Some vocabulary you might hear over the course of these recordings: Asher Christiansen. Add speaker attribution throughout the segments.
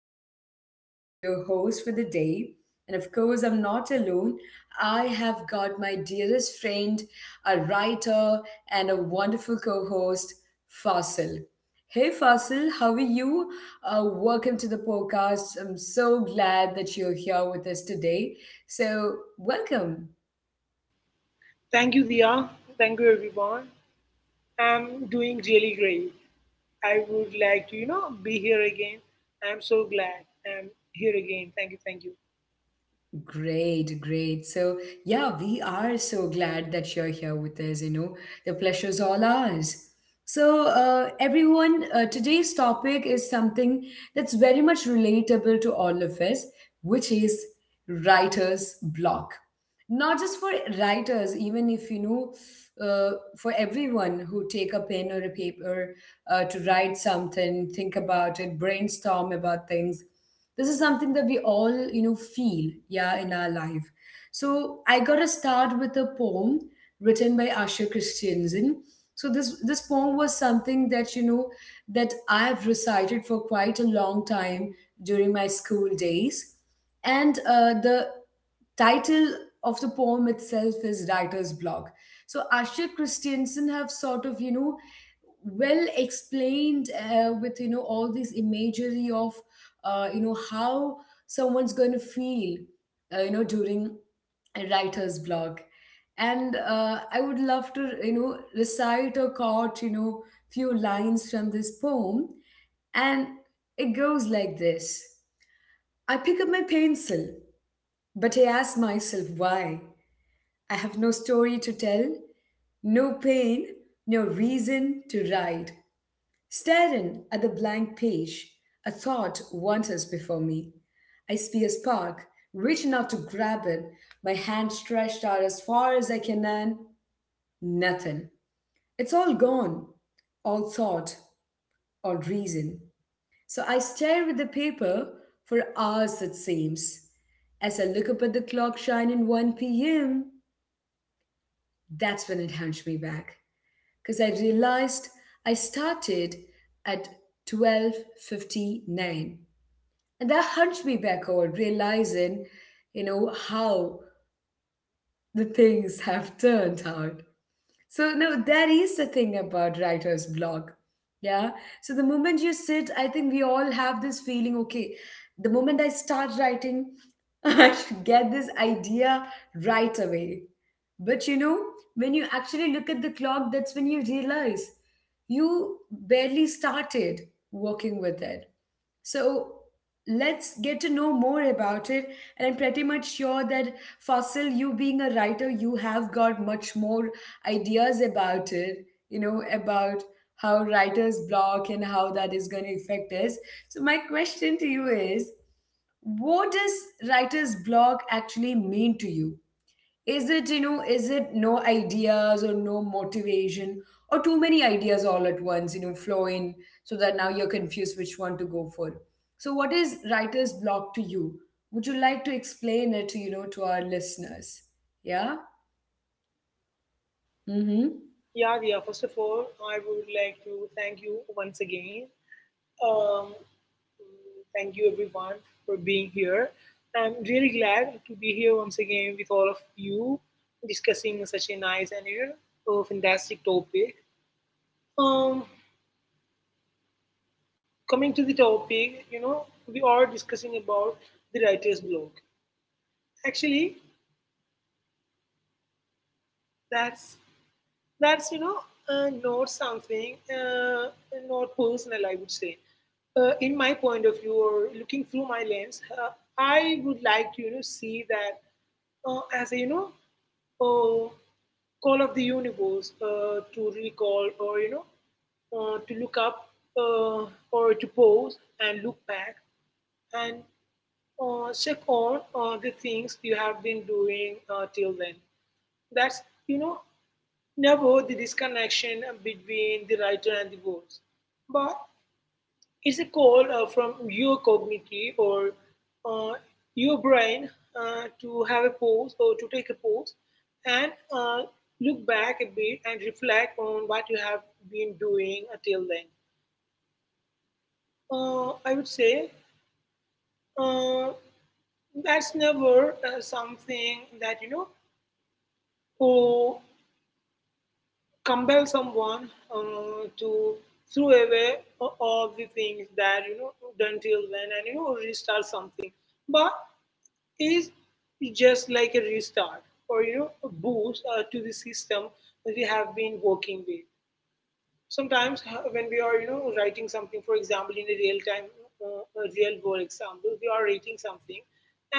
Speaker 1: am Dia, your host for the day. And of course, I'm not alone. I have got my dearest friend, a writer, and a wonderful co host, Fasil. Hey Fasil, how are you? Welcome to the podcast. I'm so glad that you're here with us today. So, welcome.
Speaker 2: Thank you, Dia. Thank you, everyone. I'm doing really great. I would like to, be here again. I'm so glad I'm here again. Thank you, thank you.
Speaker 1: Great, great. So, yeah, we are so glad that you're here with us. You know, the pleasure's all ours. So, everyone, today's topic is something that's very much relatable to all of us, which is writer's block. Not just for writers, even if you know, for everyone who take a pen or a paper to write something, think about it, brainstorm about things. This is something that we all feel, yeah, in our life. So I got to start with a poem written by Asher Christiansen. So this poem was something that, that I've recited for quite a long time during my school days. And the title of the poem itself is writer's block. So Asher Christiansen have sort of, well, explained, with all these imagery of how someone's going to feel, during a writer's block. And I would love to, recite or quote, few lines from this poem. And it goes like this. I pick up my pencil, but I ask myself why. I have no story to tell, no pain, no reason to write. Staring at the blank page, a thought wanders before me. I see a spark, reaching out to grab it, my hand stretched out as far as I can, and nothing. It's all gone, all thought, all reason. So I stare at the paper for hours, it seems. As I look up at the clock shining 1 p.m., that's when it hunched me back. Because I realized I started at 12:59. And that hunched me backward, realizing, you know, how the things have turned out. So now that is the thing about writer's block. Yeah. So the moment you sit, I think we all have this feeling, okay, the moment I start writing, I should get this idea right away. But you know, when you actually look at the clock, that's when you realize you barely started working with it. So let's get to know more about it. And I'm pretty much sure that Fasil, you being a writer, you have got much more ideas about it, you know, about how writer's block and how that is going to affect us. So my question to you is, what does writer's block actually mean to you? Is it, you know, is it no ideas or no motivation, or too many ideas all at once, you know, flow in so that now you're confused which one to go for? So what is writer's block to you? Would you like to explain it, you know, to our listeners? Yeah? Mm-hmm.
Speaker 2: Yeah, Dia, first of all, I would like to thank you once again. Um, Thank you, everyone, for being here. I'm really glad to be here once again with all of you discussing such a nice and a fantastic topic. Um, Coming to the topic, we are discussing about the writer's block. Actually, that's that's not something, not personal, I would say, in my point of view or looking through my lens. I would like to see that, as a uh, call of the universe, to recall, or to look up, uh, or to pause and look back and check on the things you have been doing till then. That's, you know, never the disconnection between the writer and the goals. But it's a call from your cognitive, or uh, your brain, to have a pause or to take a pause and look back a bit and reflect on what you have been doing until then. I would say uh, that's never something that, you know, or compel someone to throw away all the things that you know done till then and you know restart something, but is just like a restart or you know a boost to the system that we have been working with. Sometimes when we are you know writing something, for example, in a real time, a real world example, we are writing something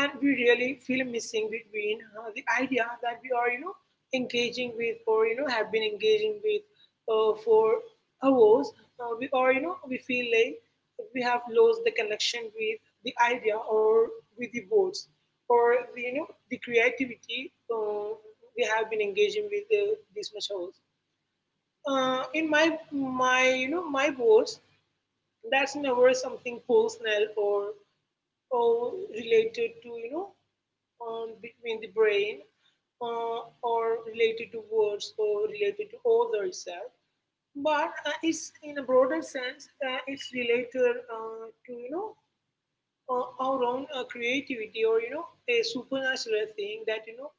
Speaker 2: and we really feel missing between the idea that we are you know engaging with, or you know have been engaging with for hours. We are you know we feel like we have lost the connection with the idea, or with the words, or the, you know the creativity we have been engaging with this much hours. In my you know my words, that's never something personal, or related to you know, between the brain, or related to words or related to others itself. But it's in a broader sense, it's related to you know our own creativity, or you know a supernatural thing that you know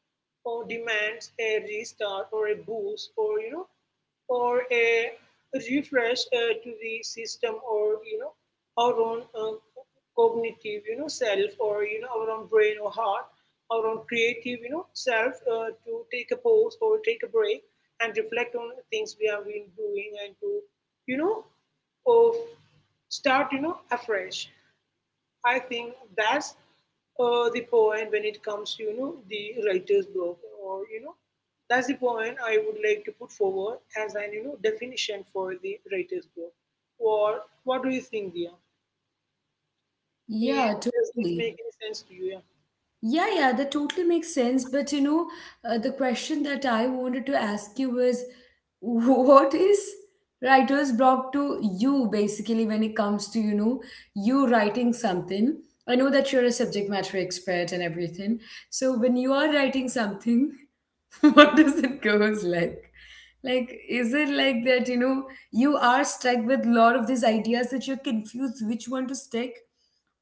Speaker 2: or demands a restart or a boost or you know or a refresh to the system, or you know our own cognitive you know self, or you know our own brain or heart, our own creative you know self, to take a pause or take a break and reflect on things we have been doing and to you know of start you know afresh. I think that's the point when it comes to you know the writer's block, or you know that's the point I would like to put forward as an you know definition for the writer's block. Or what do you think, Dia? Is,
Speaker 1: Yeah,
Speaker 2: does this
Speaker 1: totally.
Speaker 2: make any sense to you?
Speaker 1: Yeah, yeah, that totally makes sense. But you know, the question that I wanted to ask you was, what is writer's block to you basically when it comes to, you know, you writing something? I know that you're a subject matter expert and everything. So when you are writing something, what does it goes like? Like, is it like that, you know, you are stuck with a lot of these ideas that you're confused which one to stick?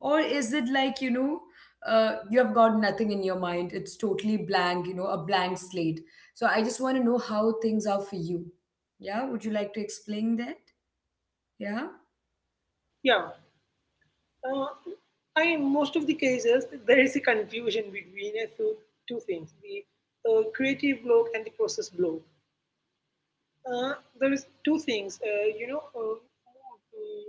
Speaker 1: Or is it like, you know, you have got nothing in your mind? It's totally blank, you know, a blank slate. So I just want to know how things are for you. Yeah, would you like to explain that? Yeah.
Speaker 2: Yeah, yeah. Uh, I in most of the cases there is a confusion between two things: the creative block and the process block. Uh, there is two things, you know, mm,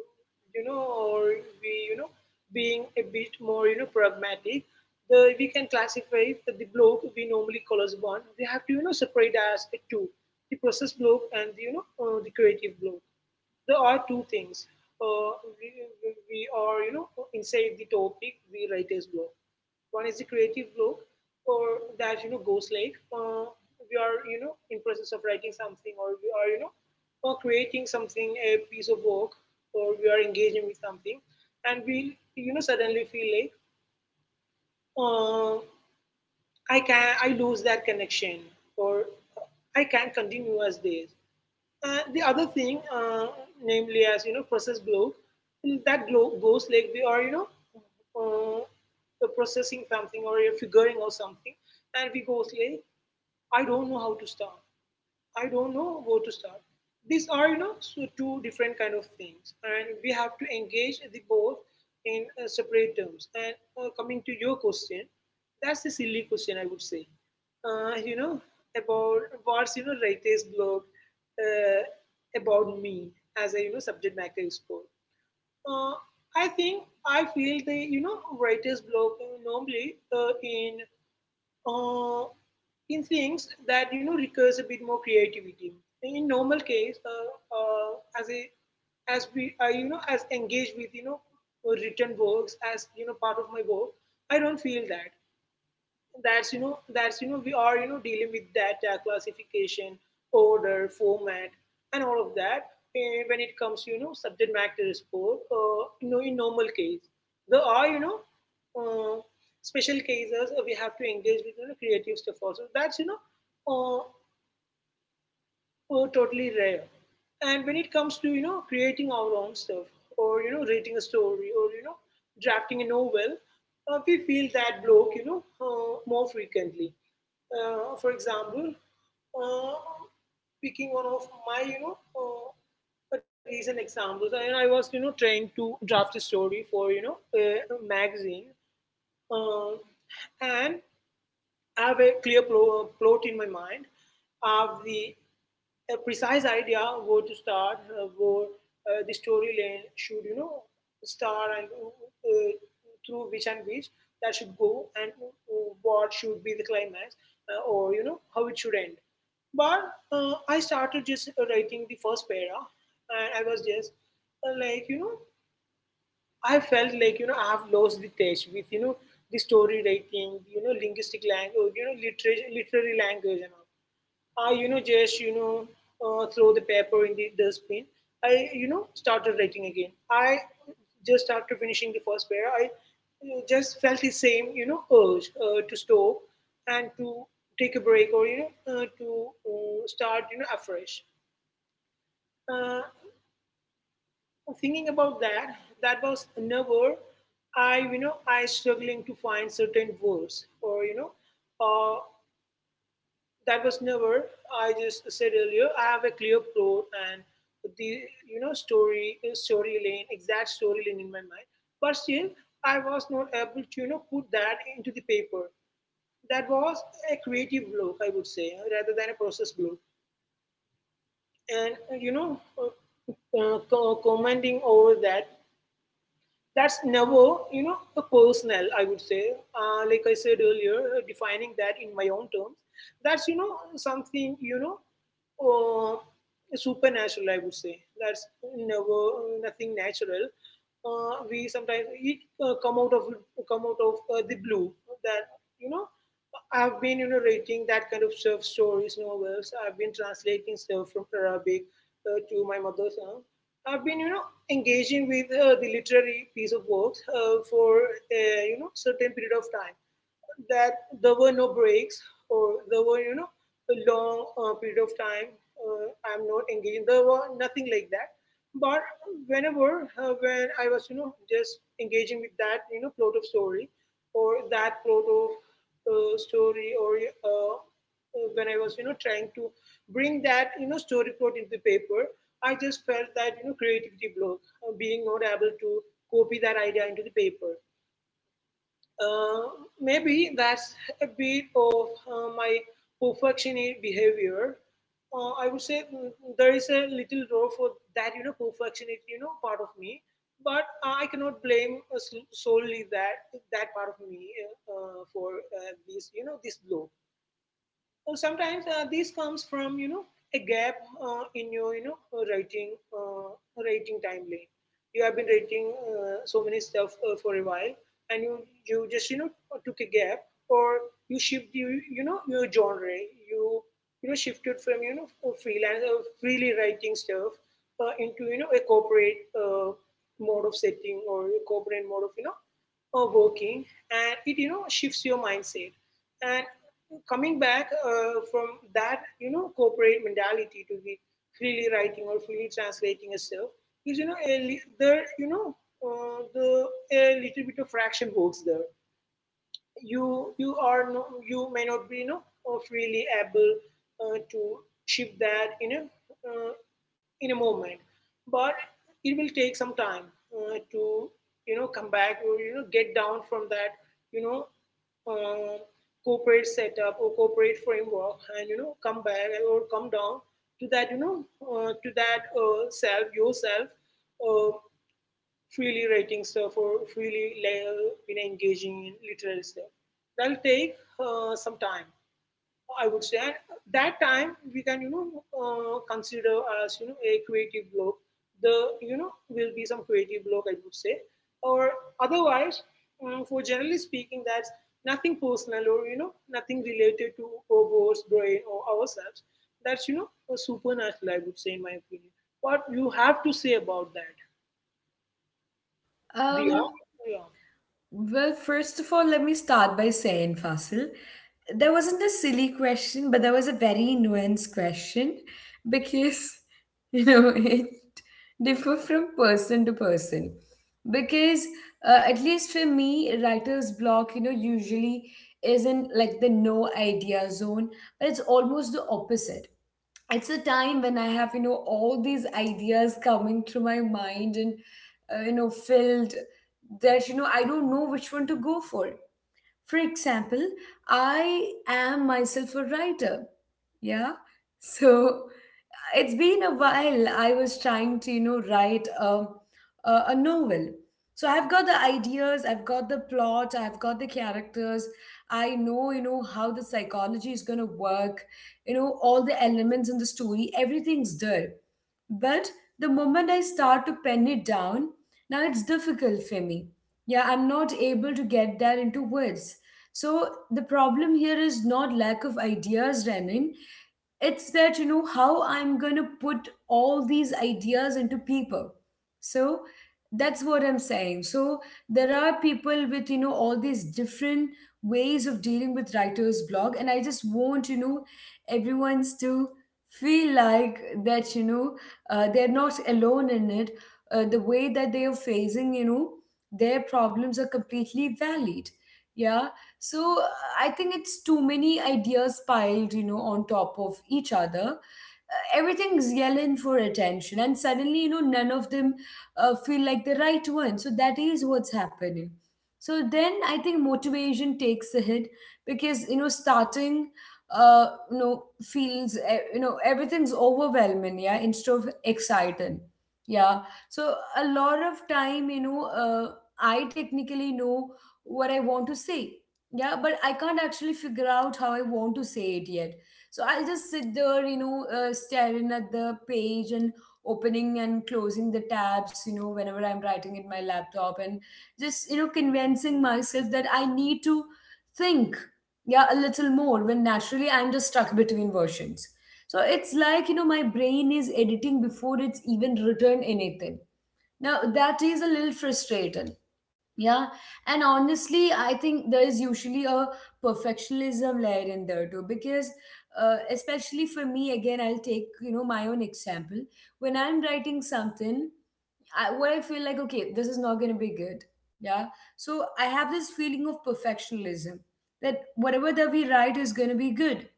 Speaker 2: you know, or we, you know, being a bit more, you know, pragmatic. The We can classify the block we normally call as one. We have to, you know, separate as a two: the process block and you know the creative block. There are two things. Uh, we, we are, you know, inside the topic, the writer's block. One is the creative block, or that you know goes like, we are you know in process of writing something, or we are you know or creating something, a piece of work, or we are engaging with something, and we you know suddenly feel like, uh, I can I lose that connection, or I can't continue as this. The other thing, namely as you know, process glow, that glow goes like we are, you know, processing something or you're figuring out something, and we goes like, I don't know how to start. I don't know where to start. These are, you know, so two different kind of things, and we have to engage the both in separate terms. And coming to your question, that's a silly question, I would say. You know, about what's you know writer's blog, uh, about me as a you know subject matter expert. Uh, I think I feel the you know writer's blog normally uh, in things that you know requires a bit more creativity. In normal case, as a as we I you know as engaged with you know written works as you know part of my work, I don't feel that that's you know we are you know dealing with data classification order format and all of that, eh, when it comes to you know subject matter sport. You know, in normal case, there are you know uh, special cases we have to engage with you know creative stuff also, that's you know uh, were totally rare. And when it comes to you know creating our own stuff, or you know writing a story, or you know drafting a novel, we feel that block you know more frequently. For example, uh, picking one of my you know recent examples, and I was you know trying to draft a story for you know a magazine, uh, and have a clear plot in my mind, have the a precise idea where to start, where the story lane should, you know, start, and through which and which that should go, and what should be the climax, or, you know, how it should end. But I started just writing the first para, and I was just like, you know, I felt like you know I have lost the touch with you know the story writing, you know linguistic language, you know literary language and all. I you know just you know throw the paper in the dustbin. I you know started writing again. I just after finishing the first pair, I just felt the same you know urge to stop and to take a break, or you know to start you know afresh. Uh, Thinking about that, that was never I, you know, I struggling to find certain words, or, you know, uh, that was never, I just said earlier, I have a clear plot and the, you know, story lane, exact story lane in my mind. But still, I was not able to, you know, put that into the paper. That was a creative block, I would say, rather than a process block. And, commenting over that, that's never you know a personal, I would say. Like I said earlier, defining that in my own terms, that's you know something you know uh, supernatural, I would say. That's never nothing natural. We sometimes it come out of the blue. That, you know, I've been you know writing that kind of self stories, novels, I've been translating stuff from Arabic to my mother tongue. I've been, you know, engaging with the literary piece of work for a you know certain period of time, that there were no breaks, or there were you know a long period of time uh, I'm not engaged, there was nothing like that. But whenever when I was you know just engaging with that you know plot of story, or that plot of story or uh, when I was you know trying to bring that you know story plot into the paper, I just felt that you know creativity block, being not able to copy that idea into the paper. Maybe that's a bit of my perfectionist behavior. I would say, there is a little role for that, you know, perfectionist, you know, part of me. But I cannot blame solely that that part of me for this, you know, this block. Sometimes this comes from a gap in your writing writing timeline. You have been writing so many stuff for a while, and you just took a gap, or you shift your genre. You you know shifted from freelance freely writing stuff into a corporate mode of setting, or a corporate mode of working, and it shifts your mindset. And coming back from that corporate mentality to be freely writing or freely translating yourself is, a, there, you know the a little bit of fraction works there. You are no, you may not be freely able to shift that in a moment, but it will take some time to come back, or get down from that you know uh, corporate setup or corporate framework, and come back or come down to that to that self, yourself, uh, freely writing stuff or freely, engaging in literary stuff. That'll take some time, I would say. And that time we can, consider as a creative block. The you know will be some creative block, I would say, or otherwise, for generally speaking, that's nothing personal, or nothing related to our boss, brain, or ourselves. That's a supernatural, I would say, in my opinion. What you have to say about that? The yeah.
Speaker 1: Um, Well, first of all, let me start by saying, Fasil, there wasn't a silly question, but there was a very nuanced question because, you know, it differed from person to person. Because, at least for me, writer's block, you know, usually isn't like the no idea zone, but it's almost the opposite. It's a time when I have, you know, all these ideas coming through my mind and, you know, filled that, you know, I don't know which one to go for. For example, I am myself a writer. Yeah. So it's been a while I was trying to, you know, write a novel. So I've got the ideas, I've got the plot, I've got the characters. I know, you know, how the psychology is going to work, you know, all the elements in the story, everything's there. But the moment I start to pen it down, now it's difficult for me. Yeah, I'm not able to get that into words. So the problem here is not lack of ideas, Renin. It's that, you know, how I'm going to put all these ideas into people. So that's what I'm saying. So there are people with, you know, all these different ways of dealing with writer's block. And I just want, you know, everyone's to feel like that, you know, they're not alone in it, the way that they are facing, you know, their problems are completely valid. Yeah. So I think it's too many ideas piled, you know, on top of each other. Everything's yelling for attention and suddenly, you know, none of them feel like the right one. So that is what's happening. So then I think motivation takes a hit because, you know, starting, you know, feels, you know, everything's overwhelming, yeah, instead of exciting. Yeah. So a lot of time, you know, I technically know what I want to say, yeah, but I can't actually figure out how I want to say it yet. So I'll just sit there, you know, staring at the page and opening and closing the tabs, you know, whenever I'm writing in my laptop, and just, you know, convincing myself that I need to think, yeah, a little more, when naturally I'm just stuck between versions. So it's like, you know, my brain is editing before it's even written anything. Now that is a little frustrating. Yeah, and honestly, I think there is usually a perfectionism layer in there too, because, especially for me, again, I'll take, you know, my own example. When I'm writing something, I, what I feel like, okay, this is not going to be good. Yeah. So I have this feeling of perfectionism that whatever that we write is going to be good,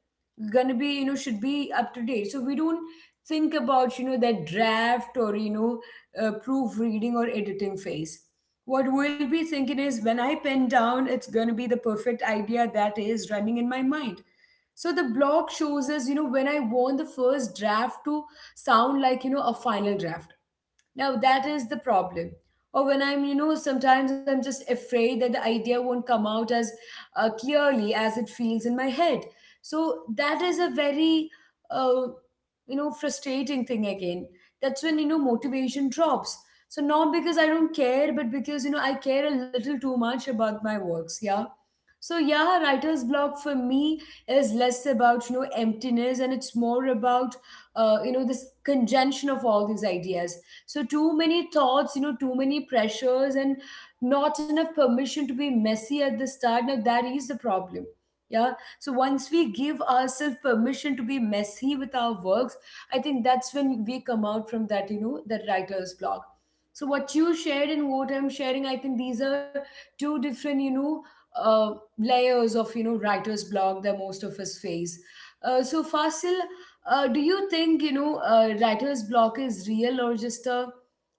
Speaker 1: going to be, you know, should be up to date. So we don't think about, you know, that draft or, you know, proofreading or editing phase. What we'll be thinking is, when I pen down, it's going to be the perfect idea that is running in my mind. So the blog shows us, you know, when I want the first draft to sound like, you know, a final draft. Now that is the problem. Or when I'm, you know, sometimes I'm just afraid that the idea won't come out as clearly as it feels in my head. So that is a very, uh, you know, frustrating thing again. That's when, you know, motivation drops. So not because I don't care, but because, you know, I care a little too much about my works. Yeah. So yeah, writer's block for me is less about, you know, emptiness, and it's more about, you know, this conjunction of all these ideas. So too many thoughts, you know, too many pressures, and not enough permission to be messy at the start. Now that is the problem. Yeah. So once we give ourselves permission to be messy with our works, I think that's when we come out from that, you know, that writer's block. So what you shared and what I'm sharing, I think these are two different, you know, uh, layers of, you know, writer's block that most of us face. So Fasil, do you think, you know, writer's block is real or just a,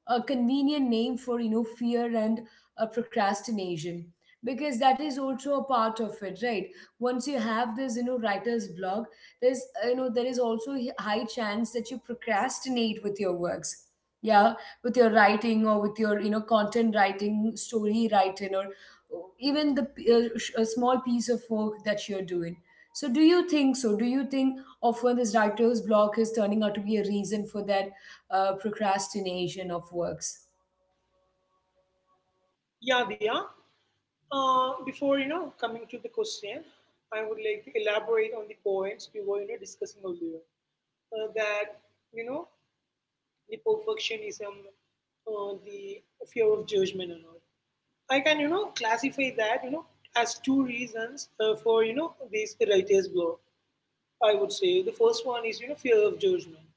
Speaker 1: a convenient name for, you know, fear and procrastination? Because that is also a part of it, right? Once you have this, you know, writer's block, there's, you know, there is also a high chance that you procrastinate with your works, yeah, with your writing or with your, you know, content writing, story writing, or even the a small piece of work that you're doing. So, do you think so? Do you think of when this writer's block is turning out to be a reason for that procrastination of works?
Speaker 2: Yeah, Diya. Before coming to the question, I would like to elaborate on the points we were discussing earlier. That you know the perfectionism, the fear of judgment, and all. I can classify that as two reasons for this writer's block. I would say the first one is fear of judgment,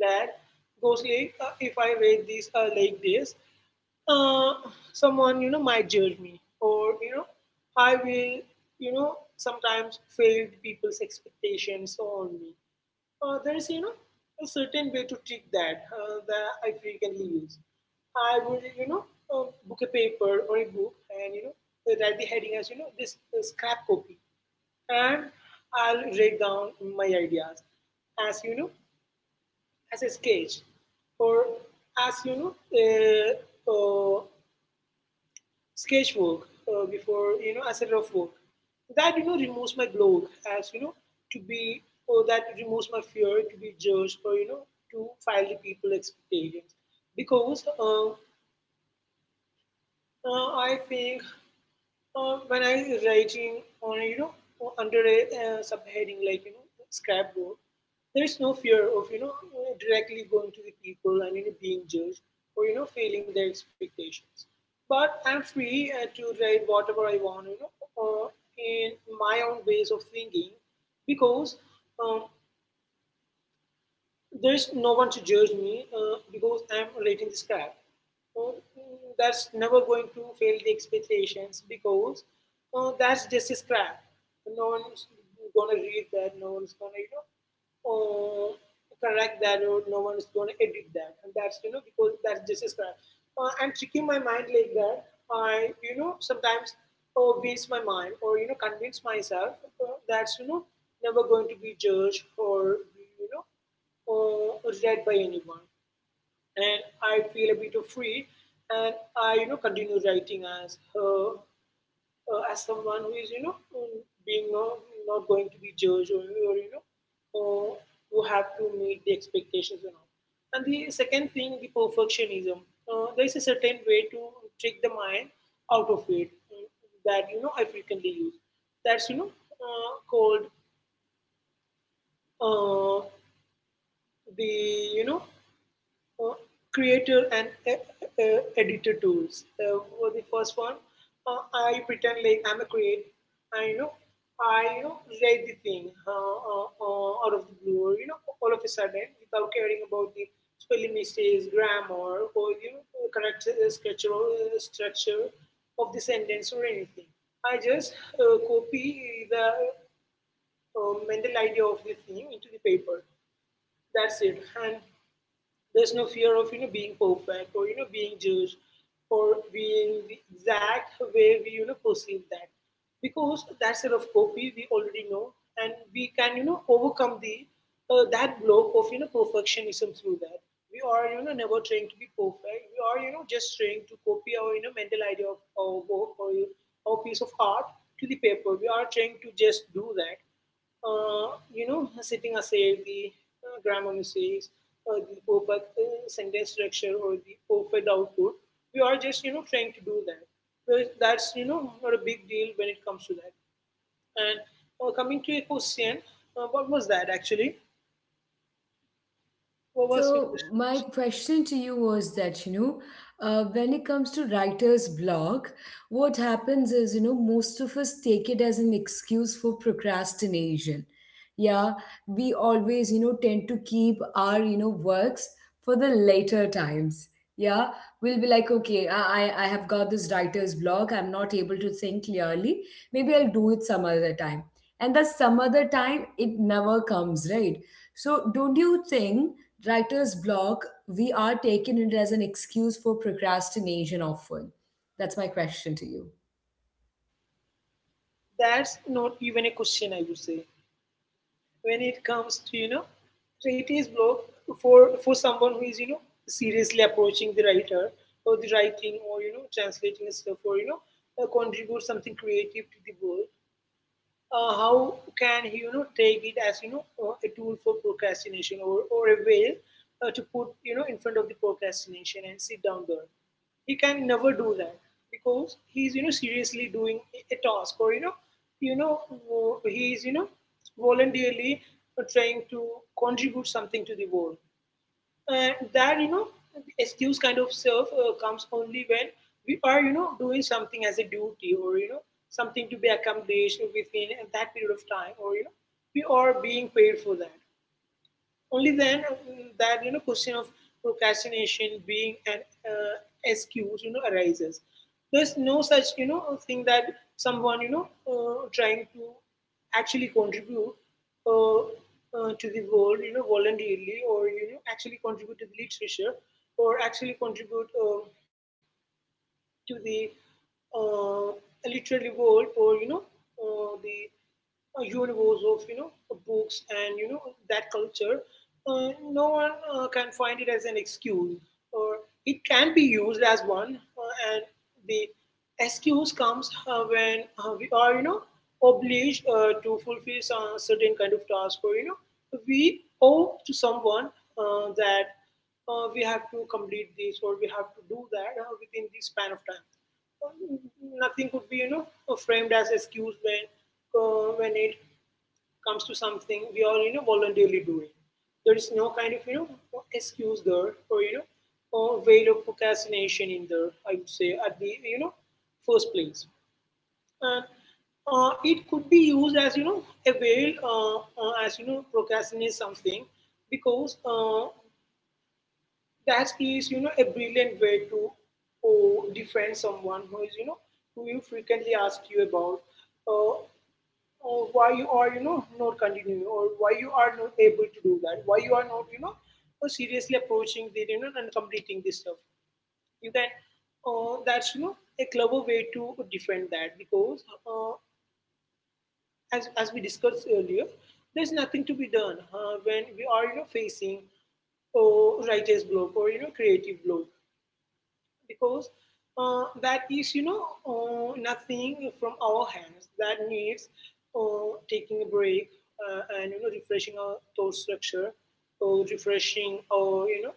Speaker 2: that goes like, if I read this like this, uh, someone might judge me, or I will sometimes fail people's expectations so on me. There is a certain way to trick that, that I frequently use. I would book a paper or a book, and write the heading as, this scrap copy, and I'll write down my ideas as, as a sketch, or as, uh, sketchwork, before, as a rough work. That removes my blog, as to be, or that removes my fear to be judged, or to file the people expectations. Because I think when I was writing on, under a subheading like, scrapbook, there is no fear of directly going to the people and being judged or failing their expectations. But I'm free to write whatever I want, uh, in my own ways of thinking, because, um, there's no one to judge me, because I'm writing this crap. Uh, that's never going to fail the expectations, because that's just a scrap. No one's gonna read that. No one's gonna uh, correct that, or no one's gonna edit that. And that's because that's just a scrap. And tricking my mind like that, I sometimes waste my mind, or convince myself that's never going to be judged, or you know read by anyone, and I feel a bit of free, and I continue writing as someone who is, being not, not going to be judged, or uh, who have to meet the expectations and all. And the second thing, the perfectionism. There is a certain way to trick the mind out of it, that I frequently use. That's, called, uh, the you know uh, creator and editor tools. For the first one, uh, I pretend like I'm a creator. I you know, I write the thing, out of the blue, or, all of a sudden, without caring about the spelling mistakes, grammar, or, correct structure of the sentence or anything. I just copy the mental idea of the thing into the paper. That's it. And there's no fear of being perfect, or being judged, or being the exact way we perceive that, because that sort of copy we already know. And we can overcome the that block of perfectionism through that. We are never trying to be perfect. We are just trying to copy our mental idea of our work, or our piece of art, to the paper. We are trying to just do that, sitting aside the grammar mistakes, or the perfect sentence structure, or the perfect output. We are just, trying to do that. Well, that's, not a big deal when it comes to that. And coming to a question, what was that actually? What was your
Speaker 1: So my
Speaker 2: question?
Speaker 1: question to you was that, when it comes to writer's block, what happens is, you know, most of us take it as an excuse for procrastination. Yeah, we always, you know, tend to keep our, you know, works for the later times. Yeah, we'll be like, okay, I have got this writer's block. I'm not able to think clearly. Maybe I'll do it some other time. And that some other time, it never comes, right? So don't you think? Writer's block, we are taking it as an excuse for procrastination often. That's my question to you.
Speaker 2: That's not even a question, I would say. When it comes to writer's block, for someone who is seriously approaching the writer, or the writing, or translating stuff, or contribute something creative to the world, how can he take it as, a tool for procrastination, or a way to put in front of the procrastination and sit down there? He can never do that, because he's seriously doing a task, or you know he's voluntarily trying to contribute something to the world. And that excuse kind of self comes only when we are doing something as a duty, or something to be accomplished within that period of time, or we are being paid for that. Only then, that question of procrastination being an uh, excuse arises. There's no such thing that someone, trying to actually contribute uh, to the world, voluntarily, or actually contribute to the literature, or actually contribute, to the uh, literary world, or you know the universe of books and that culture, no one can find it as an excuse, or it can be used as one. And the excuse comes when we are obliged to fulfill some certain kind of task, or we owe to someone, that we have to complete this, or we have to do that within this span of time. Um, nothing could be, framed as excuse when it comes to something we are, voluntarily doing. There is no kind of excuse there, or or way of procrastination in there, I would say, at the first place. And it could be used as a veil, as procrastinate something, because that is a brilliant way to defend someone who is who you frequently ask you about, uh, why you are not continuing, or why you are not able to do that, why you are not seriously approaching the and completing this stuff. You can, that's a clever way to defend that, because uh, as we discussed earlier, there's nothing to be done when we are facing, oh, writer's block, or creative block. Because that is nothing from our hands that needs taking a break, and refreshing our thought structure, or refreshing our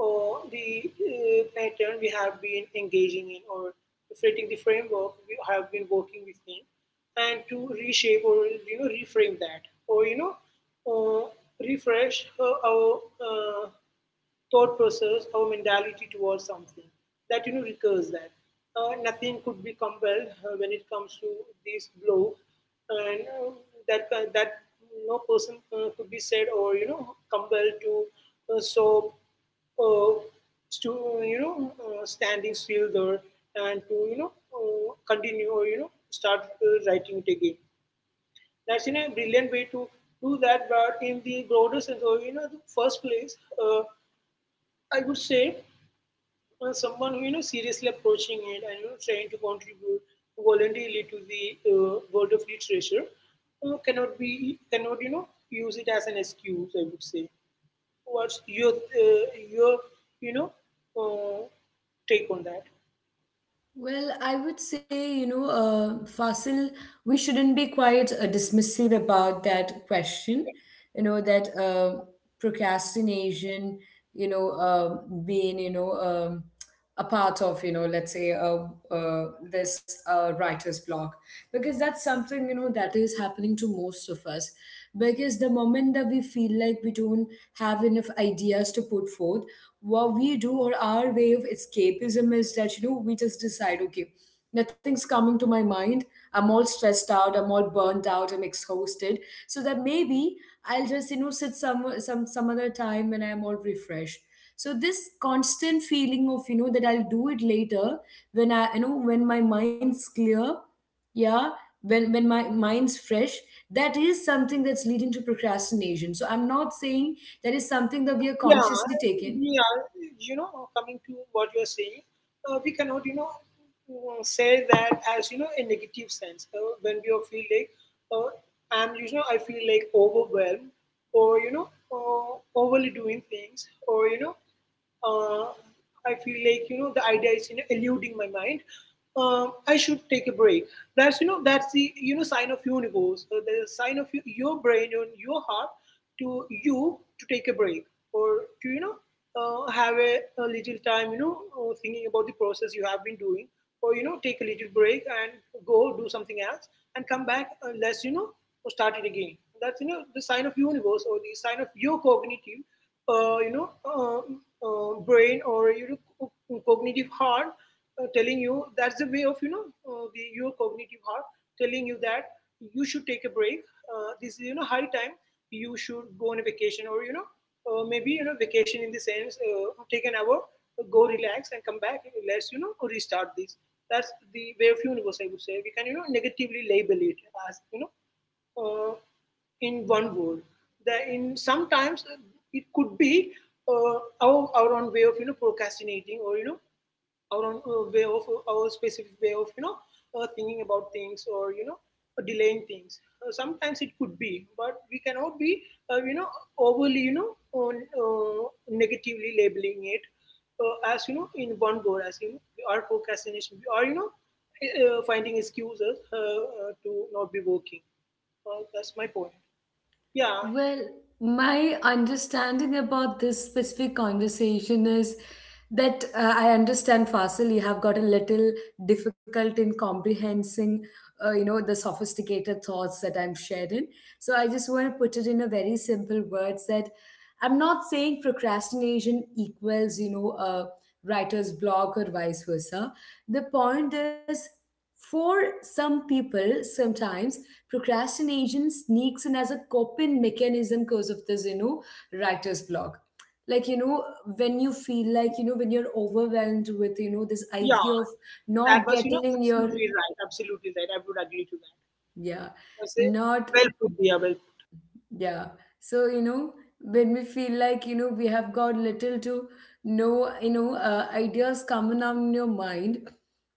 Speaker 2: or the pattern we have been engaging in, or reflecting the framework we have been working within, and to reshape or reframe that, or uh, refresh our uh, thought process, our mentality towards something that recurs. That nothing could be compelled when it comes to this blow. And that no person could be said, or compelled to solve uh, to standing still there, and to continue, or start writing it again. That's in a brilliant way to do that, but in the broader sense, or the first place, I would say, someone who seriously approaching it, and trying to contribute voluntarily to the world of literature, cannot use it as an excuse, I would say. What's your your you know uh, take on that?
Speaker 1: Well, I would say, Fasil, we shouldn't be quite dismissive about that question. You know, that procrastination, you know, uh, being, a part of, you know, let's say this writer's block. Because that's something, you know, that is happening to most of us. Because the moment that we feel like we don't have enough ideas to put forth, what we do or our way of escapism is that, you know, we just decide, okay, nothing's coming to my mind. I'm all stressed out, I'm all burnt out, I'm exhausted. So that maybe I'll just, you know, sit some other time when I'm all refreshed. So this constant feeling of, you know, that I'll do it later, when I you know when my mind's clear, yeah, when my mind's fresh, that is something that's leading to procrastination. So I'm not saying that is something that we are
Speaker 2: Yeah,
Speaker 1: consciously taking.
Speaker 2: yeah. You know, coming to what you're saying, we cannot, say that as a negative sense. When we all feel like, uh, I feel like overwhelmed, or overly doing things, or uh, I feel like the idea is eluding my mind. I should take a break. That's the sign of universe, the sign of your brain and your heart, to you, to take a break, or to have a little time, thinking about the process you have been doing, or take a little break and go do something else and come back, unless start it again. That's the sign of universe, or the sign of your cognitive, uh, you know, uh, brain, or cognitive heart, telling you that's the way of your cognitive heart telling you that you should take a break. This is high time you should go on a vacation, or maybe, vacation in the sense, take an hour, go relax and come back. Let's restart this. That's the way of universe. I would say we can negatively label it as uh, in one word. That in sometimes it could be our own way of procrastinating, or our own, way of our specific way of thinking about things, or delaying things. Sometimes it could be, but we cannot be uh, you know overly, negatively labeling it, as in one word, as we are procrastination, we are finding excuses, to not be working. Well, that's my point. Yeah,
Speaker 1: Well, my understanding about this specific conversation is that I understand, Fasil, you have got a little difficult in comprehending, you know, the sophisticated thoughts that I'm sharing. So I just want to put it in a very simple words that I'm not saying procrastination equals, you know, a writer's block or vice versa. The point is, for some people, sometimes procrastination sneaks in as a coping mechanism because of this, you know, writer's block, like, you know, when you feel like, you know, when you're overwhelmed with, you know, this
Speaker 2: yeah,
Speaker 1: idea of
Speaker 2: that was,
Speaker 1: not getting your,
Speaker 2: absolutely right. Absolutely right. I would agree to that.
Speaker 1: yeah,
Speaker 2: I say,
Speaker 1: not.
Speaker 2: well put, Diya. Well, put.
Speaker 1: Yeah. So, you know, when we feel like, you know, we have got little to no, ideas coming out in your mind,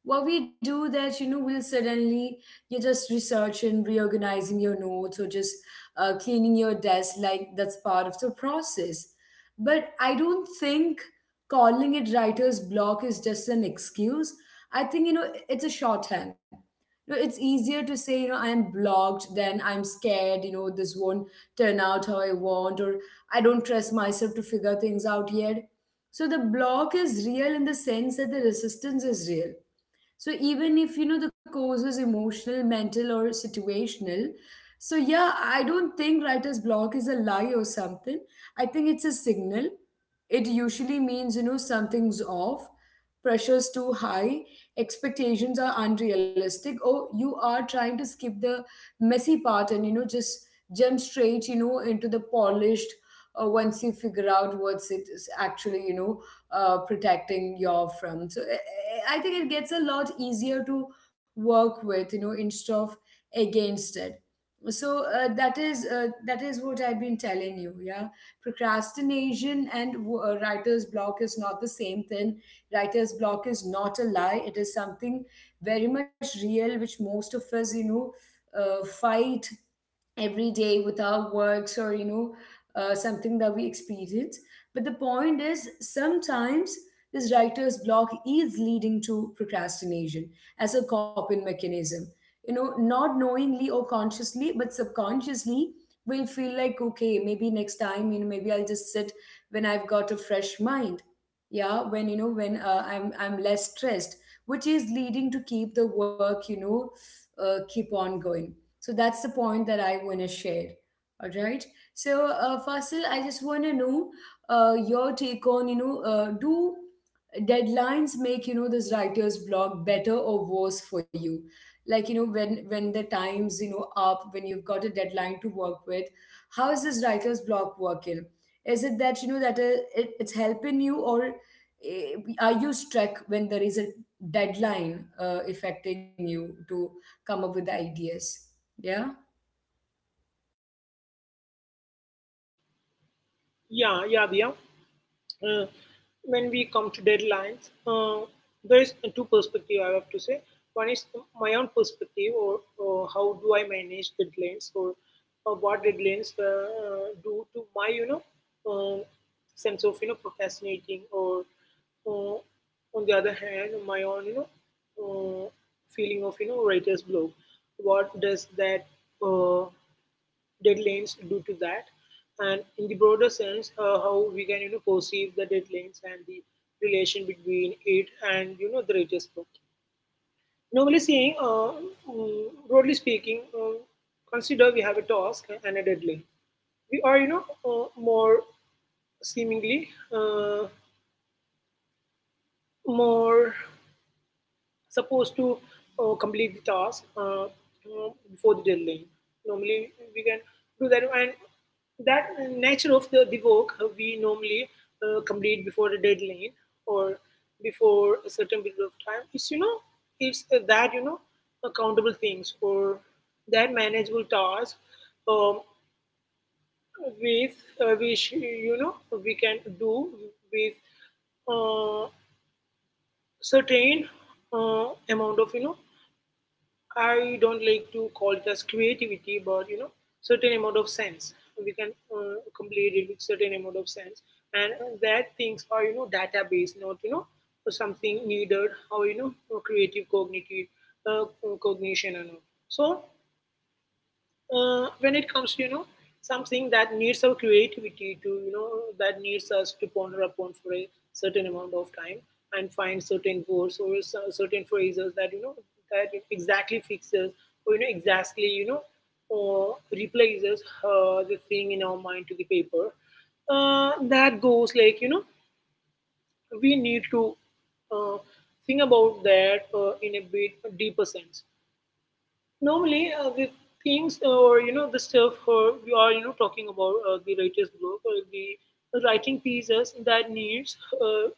Speaker 1: what we do that, you know, we'll suddenly, you're just researching, reorganizing your notes or just cleaning your desk. Like that's part of the process. But I don't think calling it writer's block is just an excuse. I think, you know, it's a shorthand. You know, it's easier to say, you know, I am blocked than I'm scared, you know, this won't turn out how I want, or I don't trust myself to figure things out yet. So the block is real in the sense that the resistance is real. So even if, you know, the cause is emotional, mental, or situational, so yeah, I don't think writer's block is a lie or something. I think it's a signal. It usually means, you know, something's off. Pressure's too high, expectations are unrealistic, or you are trying to skip the messy part and, you know, just jump straight, you know, into the polished once you figure out what's it is actually, protecting your from. So I think it gets a lot easier to work with, you know, instead of against it. So that is what I've been telling you. Yeah, procrastination and writer's block is not the same thing. Writer's block is not a lie. It is something very much real, which most of us, fight every day with our works, or something that we experience. But the point is, sometimes this writer's block is leading to procrastination as a coping mechanism, you know, not knowingly or consciously but subconsciously. We'll feel like, okay, maybe next time, you know, maybe I'll just sit when I've got a fresh mind. Yeah, when you know when I'm less stressed, which is leading to keep the work, keep on going. So that's the point that I want to share. All right. So, Fasil, I just want to know your take on, do deadlines make, you know, this writer's block better or worse for you? Like, you know, when the time's, you know, up, when you've got a deadline to work with, how is this writer's block working? Is it that, you know, that it's helping you, or eh, are you stuck when there is a deadline affecting you to come up with the ideas? Yeah.
Speaker 2: Yeah, yeah, Diya. Uh, when we come to deadlines, there is two perspective I have to say. One is my own perspective, or how do I manage deadlines, or what deadlines do to my um, sense of procrastinating, or uh, on the other hand, my own uh, feeling of writer's block. What does that, uh, deadlines do to that? And in the broader sense, how we can perceive the deadlines and the relation between it and the writer's book. Normally, saying, broadly speaking, consider we have a task and a deadline. We are seemingly uh, more supposed to complete the task, before the deadline. Normally, we can do that, and that nature of the work, we normally complete before the deadline, or before a certain period of time. It's that, accountable things, or that manageable task, um, with, which we can do with uh, certain amount of, I don't like to call it as creativity, but certain amount of sense. We can complete it with certain amount of sense, and that things are database, not something needed, or creative cognitive, uh, cognition and all. So when it comes to something that needs our creativity, to that needs us to ponder upon for a certain amount of time and find certain words, or certain phrases that that exactly fixes, or exactly, or replaces the thing in our mind to the paper, that goes like, we need to uh, think about that in a bit deeper sense. Normally, the things, or the stuff, or we are talking about, the writer's block or the writing pieces, that needs uh,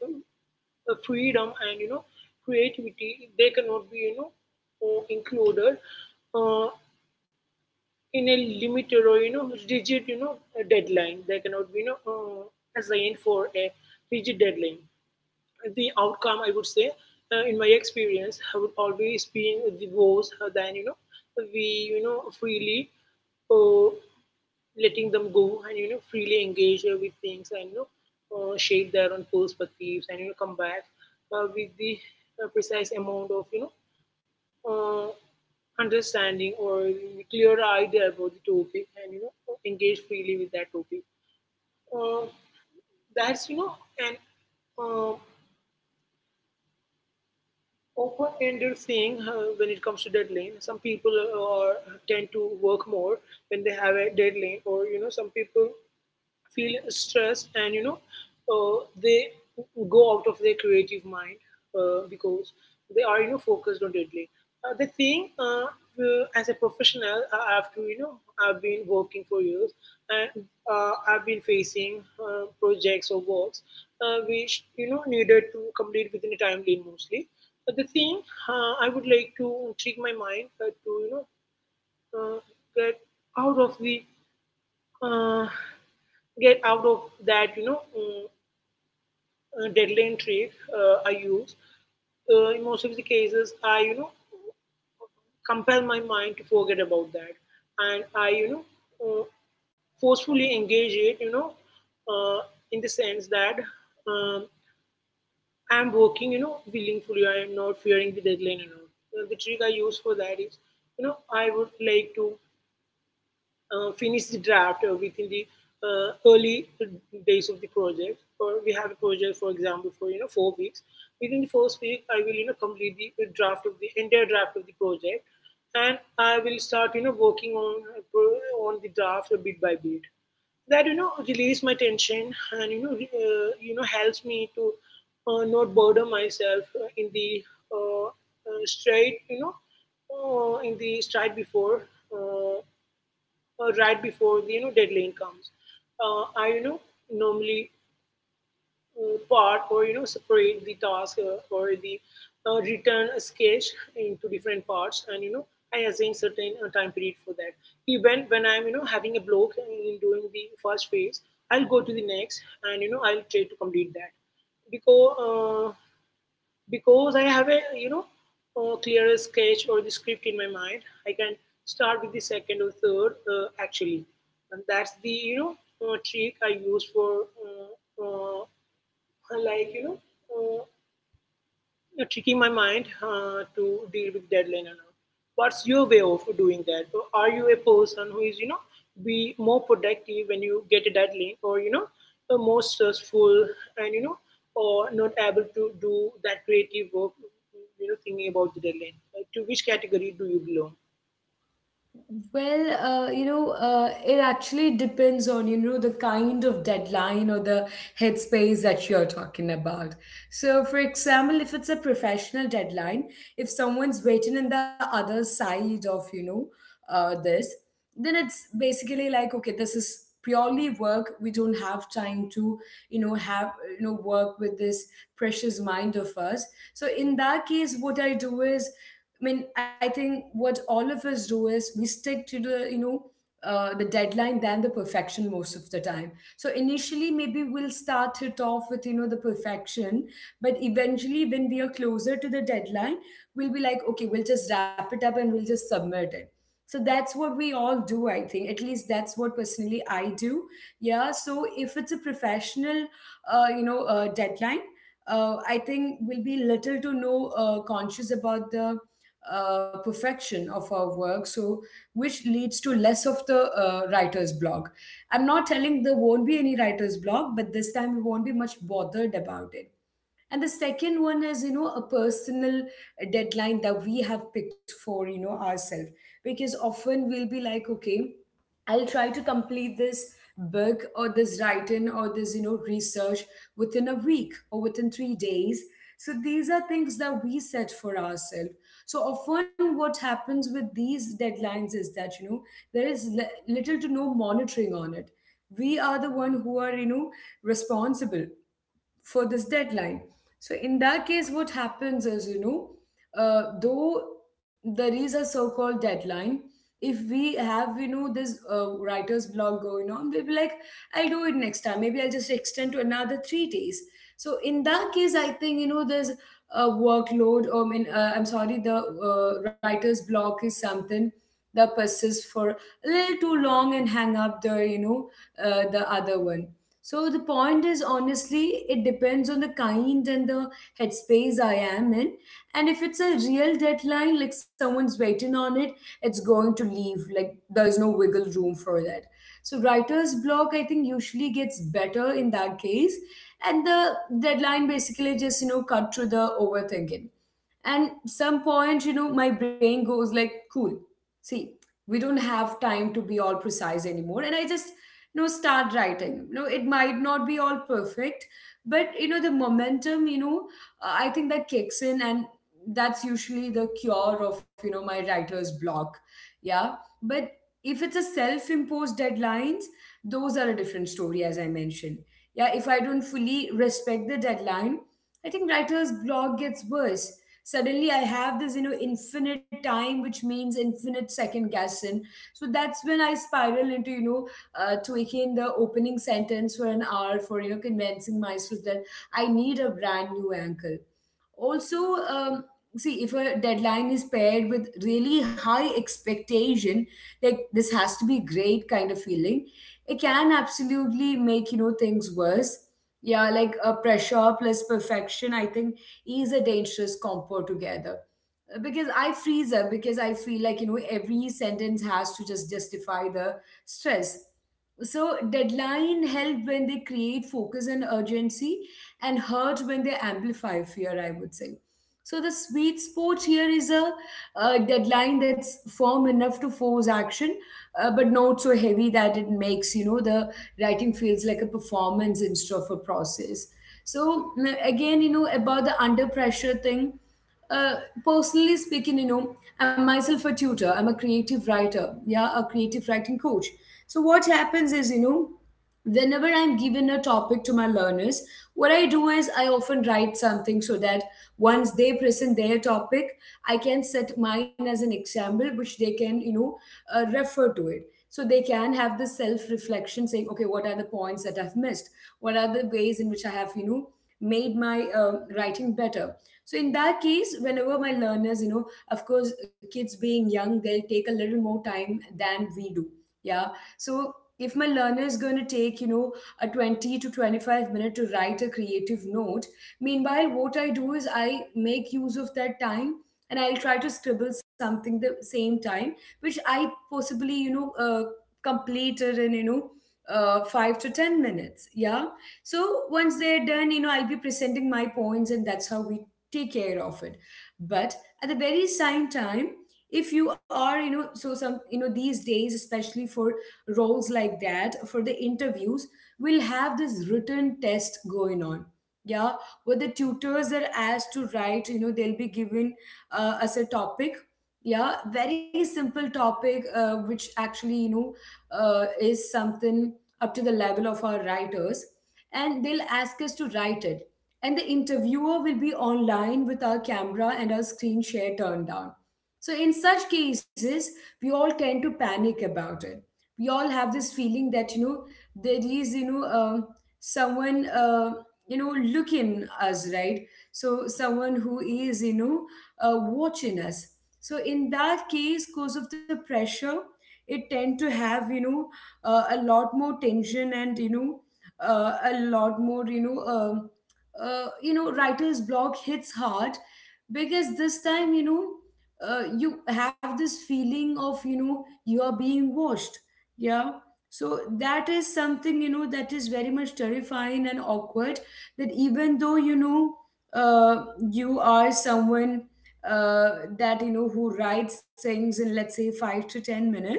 Speaker 2: uh, freedom and creativity, they cannot be included uh, in a limited or rigid, deadline. They cannot be assigned for a rigid deadline. The outcome, I would say, in my experience, have always been the worse than we freely uh, letting them go and freely engage with things and shape their own perspectives and come back with the precise amount of uh, understanding or clear idea about the topic, and engage freely with that topic. Uh, that's an uh, open ended thing when it comes to deadline. Some people tend to work more when they have a deadline, or some people feel stress, and uh, they go out of their creative mind because they are focused on deadline. The thing, as a professional, I have to, I've been working for years, and I've been facing projects or works which needed to complete within a timeline mostly. But the thing, I would like to trick my mind to uh, get out of the uh, get out of that, deadline trick I use. In most of the cases, I, compel my mind to forget about that. And I, uh, forcefully engage it, uh, in the sense that, um, I'm working, willingly. I am not fearing the deadline and all. The trick I use for that is, I would like to finish the draft within the early days of the project. Or we have a project, for example, for 4 weeks. Within the first week, I will complete the draft, of the entire draft of the project, and I will start working on the draft bit by bit. That release my tension, and helps me to not burden myself in the uh, straight you know in the stride before, right before the deadline comes. I normally part, or separate the task, or the return sketch, into different parts, and I assign certain time period for that. Even when I'm having a block in doing the first phase, I'll go to the next, and I'll try to complete that, because. Because I have a you know a clearer sketch, or the script in my mind, I can start with the second or third, actually, and that's the trick I use for uh, like you know uh, tricking my mind, to deal with deadline and all. What's your way of doing that? Or are you a person who is, be more productive when you get a deadline, or, more stressful, and, or not able to do that creative work, thinking about the deadline? Like, to which category do you belong?
Speaker 1: Well, it actually depends on, you know, the kind of deadline or the headspace that you're talking about. So, for example, if it's a professional deadline, if someone's waiting on the other side of, this, then it's basically like, okay, this is purely work. We don't have time to, you know, have, you know, work with this precious mind of us. So, in that case, what I do is, I mean, I think what all of us do is we stick to the, the deadline than the perfection most of the time. So initially, maybe we'll start it off with, you know, the perfection, but eventually, when we are closer to the deadline, we'll be like, okay, we'll just wrap it up and we'll just submit it. So that's what we all do, I think. At least that's what personally I do. Yeah. So if it's a professional, deadline, I think we'll be little to no conscious about the perfection of our work, so which leads to less of the writer's block. I'm not telling there won't be any writer's block, but this time we won't be much bothered about it. And the second one is, you know, a personal deadline that we have picked for, you know, ourselves. Because often we'll be like, okay, I'll try to complete this book or this writing or this, you know, research within a week or within 3 days. So these are things that we set for ourselves. So often what happens with these deadlines is that, you know, there is little to no monitoring on it. We are the one who are, you know, responsible for this deadline. So in that case, what happens is, you know, though there is a so-called deadline, if we have, you know, this writer's block going on, we'll be like, I'll do it next time. Maybe I'll just extend to another 3 days. So in that case, I think, you know, there's a workload, or I mean, I'm sorry, the writer's block is something that persists for a little too long and hang up the, the other one. So the point is, honestly, it depends on the kind and the headspace I am in. And if it's a real deadline, like someone's waiting on it, it's going to leave. Like, there's no wiggle room for that. So writer's block, I think, usually gets better in that case. And the deadline basically just, you know, cut through the overthinking. And some point, you know, my brain goes like, cool, see, we don't have time to be all precise anymore. And I just, you know, start writing. You know, it might not be all perfect, but, you know, the momentum, I think that kicks in, and that's usually the cure of, you know, my writer's block. Yeah. But if it's a self-imposed deadlines, those are a different story, as I mentioned. Yeah, if I don't fully respect the deadline, I think writer's block gets worse. Suddenly I have this, you know, infinite time, which means infinite second guessing. So that's when I spiral into, tweaking the opening sentence for an hour, for, you know, convincing myself that I need a brand new angle. Also, see, if a deadline is paired with really high expectation, like this has to be great kind of feeling, it can absolutely make, you know, things worse. Yeah, like a pressure plus perfection, I think, is a dangerous combo together. Because I freeze up, because I feel like, you know, every sentence has to just justify the stress. So deadline help when they create focus and urgency, and hurt when they amplify fear, I would say. So the sweet spot here is a, uh, deadline that's firm enough to force action, but not so heavy that it makes, you know, the writing feels like a performance instead of a process. So, again, you know, about the under pressure thing, uh, personally speaking, you know, I'm myself a tutor. I'm a creative writer. Yeah, a creative writing coach. So what happens is, whenever I'm given a topic to my learners, what I do is I often write something so that once they present their topic, I can set mine as an example, which they can, refer to it. So they can have the self reflection saying, okay, what are the points that I've missed? What are the ways in which I have, made my writing better? So in that case, whenever my learners, of course, kids being young, they'll take a little more time than we do, yeah. So if my learner is going to take, a 20 to 25 minute to write a creative note, meanwhile what I do is I make use of that time, and I'll try to scribble something the same time, which I possibly, completed in, 5 to 10 minutes, yeah. So once they're done, I'll be presenting my points, and that's how we take care of it. But at the very same time, if you are, so some, these days, especially for roles like that, for the interviews, we'll have this written test going on, yeah, where the tutors are asked to write. You know they'll be given, as a topic. Yeah, very simple topic, which actually, is something up to the level of our writers, and they'll ask us to write it. And the interviewer will be online with our camera and our screen share turned down. So in such cases, we all tend to panic about it. We all have this feeling that, there is, someone, you know looking us, right? So someone who is, watching us. So in that case, cause of the pressure, it tend to have, a lot more tension, and, a lot more, writer's block hits hard, because this time, you have this feeling of, you are being watched. Yeah. So that is something, that is very much terrifying and awkward. That even though, you are someone, uh, that, who writes things in, let's say, 5 to 10 minutes,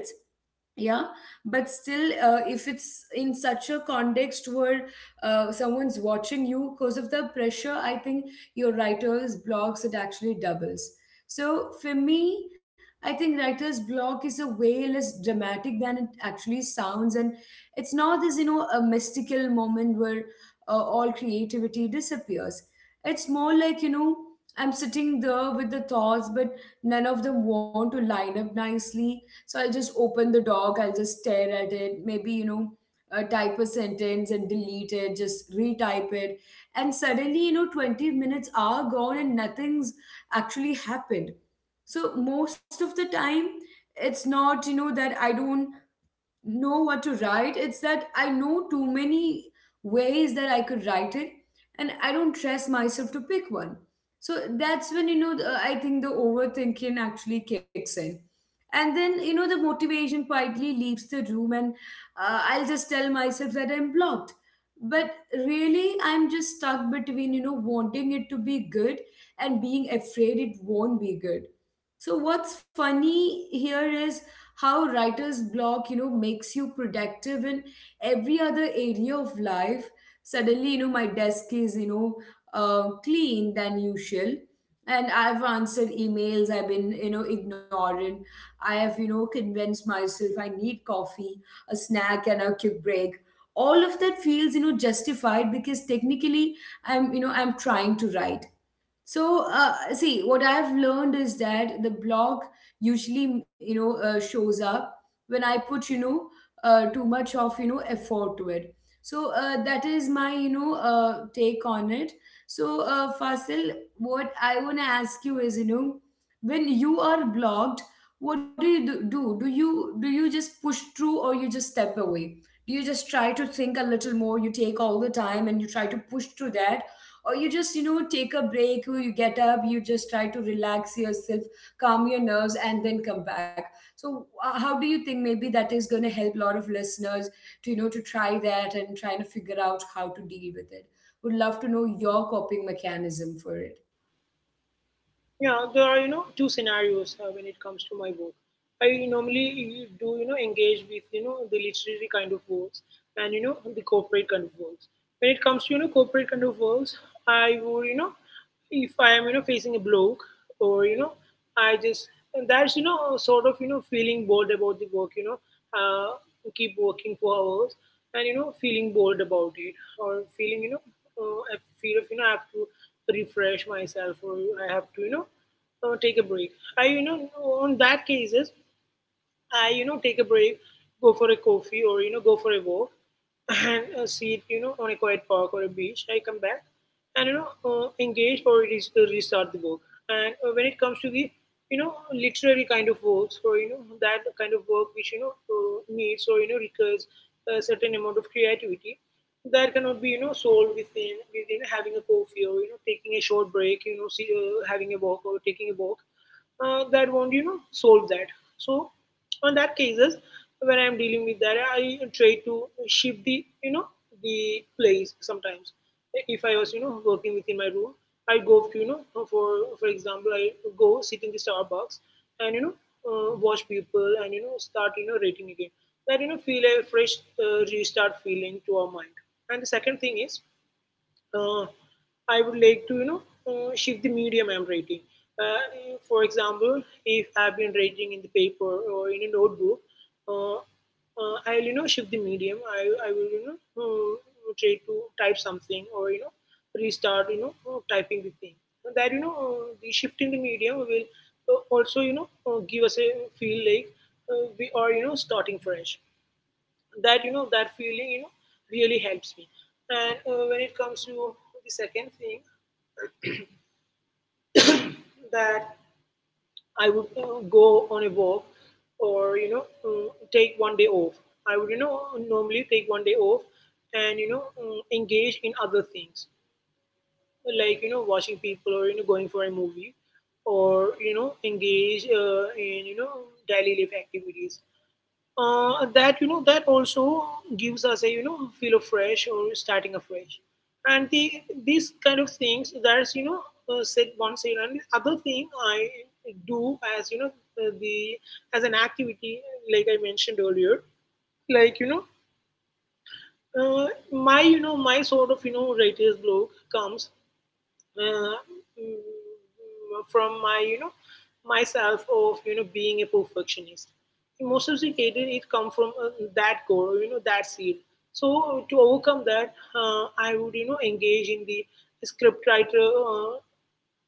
Speaker 1: yeah, but still, if it's in such a context where, someone's watching you, because of the pressure, I think your writer's blocks, it actually doubles. So for me, I think writer's block is a way less dramatic than it actually sounds, and it's not this, a mystical moment where, all creativity disappears. It's more like, I'm sitting there with the thoughts, but none of them want to line up nicely. So I'll just open the doc, I'll just stare at it, maybe, type a sentence and delete it, just retype it. And suddenly, 20 minutes are gone and nothing's actually happened. So most of the time, it's not, that I don't know what to write. It's that I know too many ways that I could write it, and I don't trust myself to pick one. So that's when, I think the overthinking actually kicks in. And then, the motivation quietly leaves the room, and I'll just tell myself that I'm blocked. But really, I'm just stuck between, wanting it to be good and being afraid it won't be good. So, what's funny here is how writer's block, makes you productive in every other area of life. Suddenly, my desk is, clean than usual, and I've answered emails, I've been, ignorant, I have, convinced myself I need coffee, a snack, and a quick break. All of that feels, justified, because technically I'm you know I'm trying to write. So, see, what I've learned is that the blog usually, shows up when I put, too much of, effort to it. So that is my, take on it. So, Fasil, what I want to ask you is, when you are blocked, what do you do? Do you just push through, or you just step away? Do you just try to think a little more? You take all the time and you try to push through that, or you just, take a break, or you get up, you just try to relax yourself, calm your nerves, and then come back. So how do you think maybe that is going to help a lot of listeners to, to try that and trying to figure out how to deal with it? Would love to know your coping mechanism for
Speaker 2: Yeah, there are, two scenarios, when it comes to my work. I normally do, engage with, the literary kind of works, and, the corporate kind of works. When it comes to, corporate kind of works, I would, if I am, facing a blog, or, I just, that's, sort of, feeling bored about the work, uh, keep working for hours, and, feeling bored about it, or feeling, a fear of, I have to refresh myself, or I have to, take a break. I, on that cases, I, take a break, go for a coffee, or go for a walk. And see it, on a quiet park or a beach, I come back and, engage, or it is, restart the book. And when it comes to literary kind of works, or, that kind of work which, needs, or, requires a certain amount of creativity, that cannot be, solved within, having a coffee, or, taking a short break, see, having a walk or taking a walk. That won't, solve that. So, on that cases, when I'm dealing with that, I try to shift the, the place. Sometimes if I was working within my room, I go to, for example, I go sit in the Starbucks and, watch people and, start, rating again. That, feel a fresh, restart feeling to our mind. And the second thing is, uh, I would like to, shift the medium I'm writing. For example, if I've been writing in the paper or in a notebook, uh, I'll, shift the medium. I will, try to type something, or, restart, typing the thing. So that, the shift in the medium will, also, give us a feel like, we are, starting fresh. That, that feeling, really helps me. And, when it comes to the second thing, that I would, go on a walk, or, take one day off. I would, normally take one day off and, engage in other things like, watching people, or, going for a movie, or, engage, in, daily life activities. That, that also gives us a, feel of fresh or starting afresh. And the, these kind of things, that's, said one side. And the other thing I do as, the, as an activity, like I mentioned earlier, like, you know uh, my, my sort of, writer's block comes, uh, from my, myself of, being a perfectionist. In most of the cases it come from, that core, that seed. So to overcome that, I would, engage in the scriptwriter,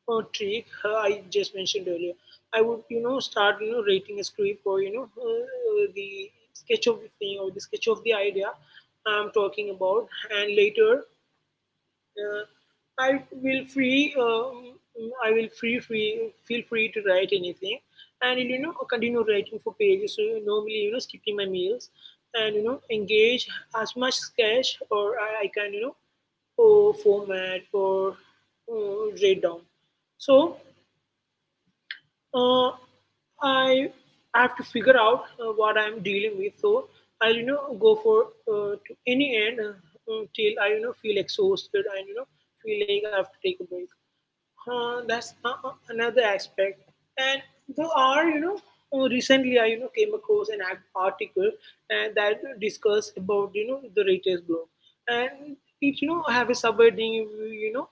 Speaker 2: trick I just mentioned earlier. I would, start, writing a script, or, the sketch of the thing, or the sketch of the idea I'm talking about. And later, uh, I will free. I will free free feel free to write anything, and, continue writing for pages. So normally, skipping my meals, and, engage as much sketch or, I can, or format, or, write down. So, uh, I have to figure out, what I'm dealing with. So I'll, go for, to any end, until I, feel exhausted and, feel like I have to take a break. That's another aspect. And there are, recently I, came across article, that discussed about, the writer's block, and it, have a subheading,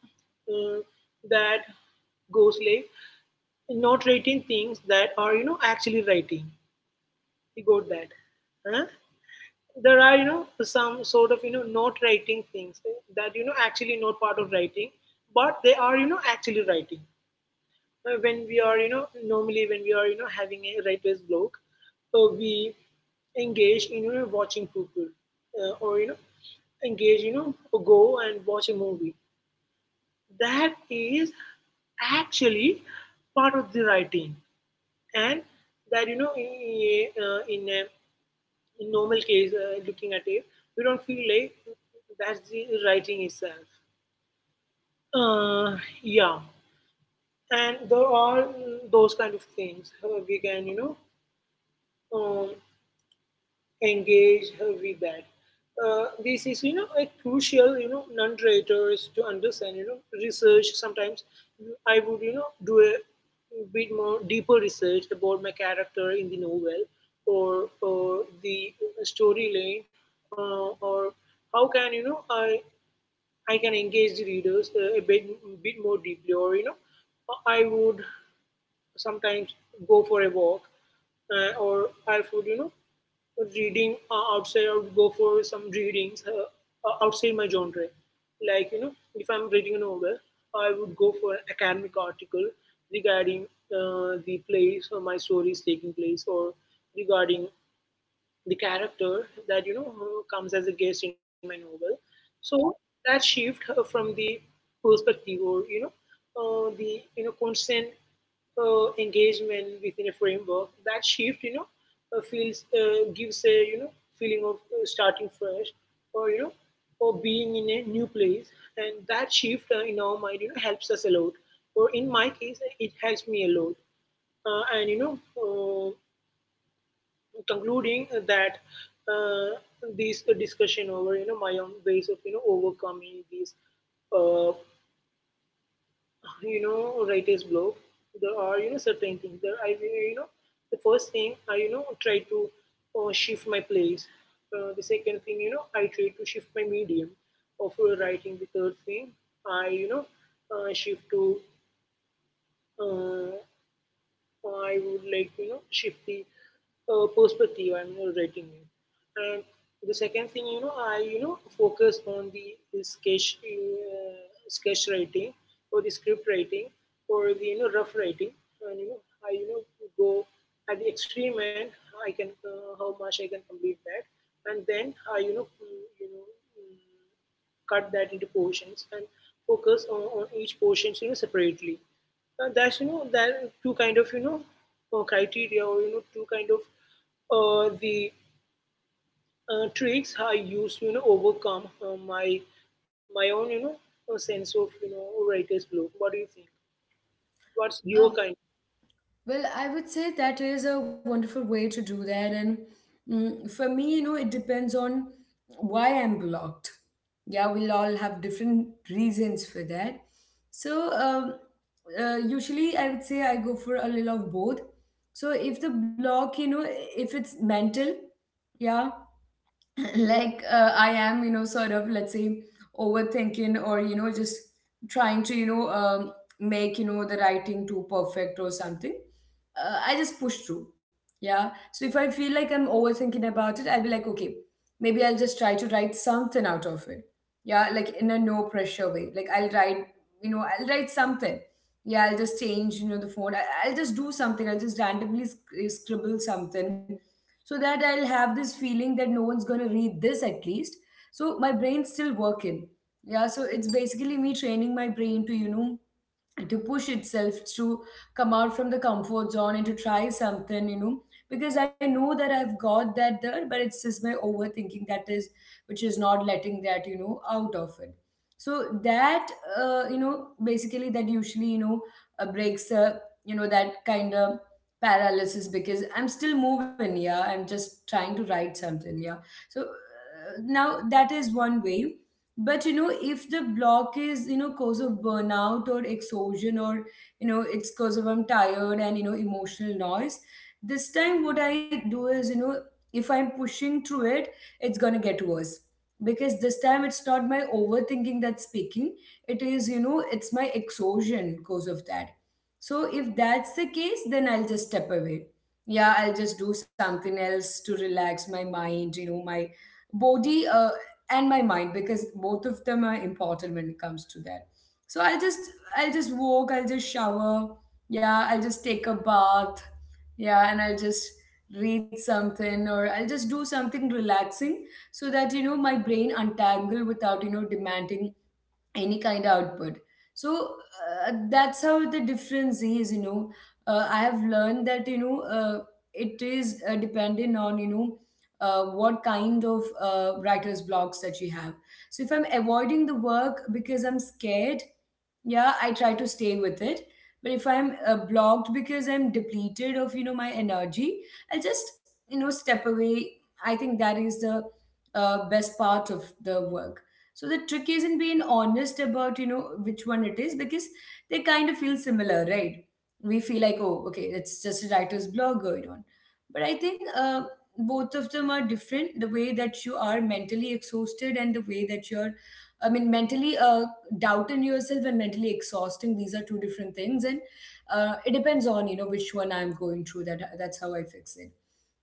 Speaker 2: uh, that goes like, not writing things that are, actually writing. You got that, huh? There are, some sort of, not writing things that, actually not part of writing, but they are, actually writing. When we are, normally when we are, having a writer's block, we engage in, watching people, or, engage, go and watch a movie. That is actually part of the writing. And that, in a, in normal case, looking at it, we don't feel like that's the writing itself. uh, yeah. And there are those kind of things, we can, um, engage, read back. This is, a crucial, non-raters to understand, research. Sometimes I would, do a bit more deeper research about my character in the novel, or the storyline, or how can, I can engage the readers a bit more deeply, or, I would sometimes go for a walk, or I would, reading, outside. I would go for some readings, outside my genre. Like, if I'm reading a novel, I would go for an academic article regarding, the place or my story is taking place, or regarding the character that, who comes as a guest in my novel. So that shift, from the perspective, or, the, constant, engagement within a framework, that shift, you know feels gives a, feeling of, starting fresh, or, or being in a new place. And that shift, in our mind, helps us a lot, or in my case it helps me a lot. And you know Concluding that, uh, this discussion over, my own ways of, overcoming these, uh, writer's block. There are, certain things that I, the first thing I, try to, shift my place. The second thing, I try to shift my medium of, writing. The third thing, I, shift to, uh, I would like, shift the, perspective and, writing it. And the second thing, I, focus on the sketch, sketch writing, or the script writing, or the, rough writing, and, I, go at the extreme end. I can, how much I can complete that, and then I, mm, cut that into portions and focus on each portions, separately. That's, that two kind of, criteria, or, two kind of, the tricks I used to, overcome, my my own, sense of, writer's block. What do you think? What's your
Speaker 1: it.
Speaker 2: kind?
Speaker 1: Well, I would say that is a wonderful way to do that. And for me, it depends on why I'm blocked. Yeah, we'll all have different reasons for that. So, usually I would say I go for a little of both. So, if the block, if it's mental, yeah, like, I am, sort of, let's say, overthinking, or, just trying to, make, the writing too perfect or something. I just push through. Yeah, so if I feel like I'm overthinking about it, I'll be like, okay, maybe I'll just try to write something out of it. Yeah, like in a no pressure way, like, I'll write, I'll write something. Yeah, I'll just change, the phone. I'll just do something, I'll just randomly scribble something, so that I'll have this feeling that no one's gonna read this at least, so my brain's still working. Yeah, so it's basically me training my brain to, to push itself to come out from the comfort zone and to try something, because I know that I've got that there, but it's just my overthinking that is, which is not letting that, out of it. So that, basically that usually, breaks, that kind of paralysis, because I'm still moving. Yeah, I'm just trying to write something, yeah. So now that is one way. But, if the block is, cause of burnout or exhaustion, or it's cause of I'm tired and, emotional noise, this time what I do is, if I'm pushing through it, it's gonna get worse, because this time it's not my overthinking that's speaking, it is, it's my exhaustion cause of that. So if that's the case, then I'll just step away. Yeah, I'll just do something else to relax my mind, my body, and my mind, because both of them are important when it comes to that. So I'll just walk, I'll just shower. Yeah, I'll just take a bath. Yeah, and I'll just read something, or I'll just do something relaxing, so that, my brain untangle without, demanding any kind of output. So that's how the difference is, I have learned that, it is, dependent on, what kind of, writer's blocks that you have. So if I'm avoiding the work because I'm scared, yeah, I try to stay with it. But if I'm, blocked because I'm depleted of, my energy, I'll just, step away. I think that is the, best part of the work. So the trick is not being honest about, which one it is, because they kind of feel similar, right? We feel like, oh, okay, it's just a writer's blog going on. But I think both of them are different. The way that you are mentally exhausted and the way that you're, I mean, mentally, doubting yourself, and mentally exhausting, these are two different things. And it depends on, which one I'm going through. That's how I fix it.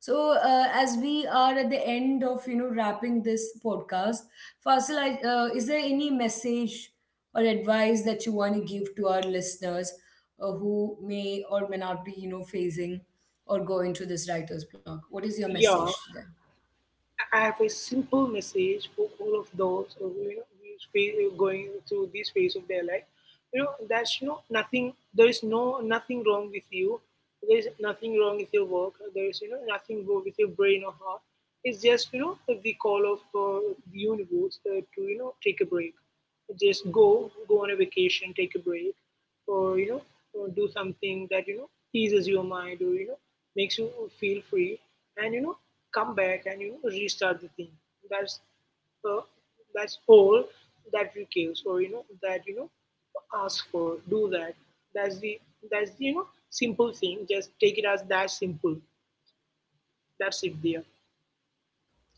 Speaker 1: So as we are at the end of, wrapping this podcast, Fasil, is there any message or advice that you want to give to our listeners, who may or may not be, facing or going to this writer's block? What is your
Speaker 2: Yeah,
Speaker 1: message to them?
Speaker 2: I have a simple message for all of those who, going through this phase of their life. That's, nothing. There is nothing wrong with you. There is nothing wrong with your work. There is, nothing wrong with your brain or heart. It's just, the call of, the universe, to, take a break. Just go on a vacation, take a break, or, do something that, eases your mind, or, makes you feel free, and, come back and, restart the thing. That's, uh, that's all that requires, or, that, ask for, do that. That's the, that's the you know simple thing. Just take it as that simple. That's it, dear.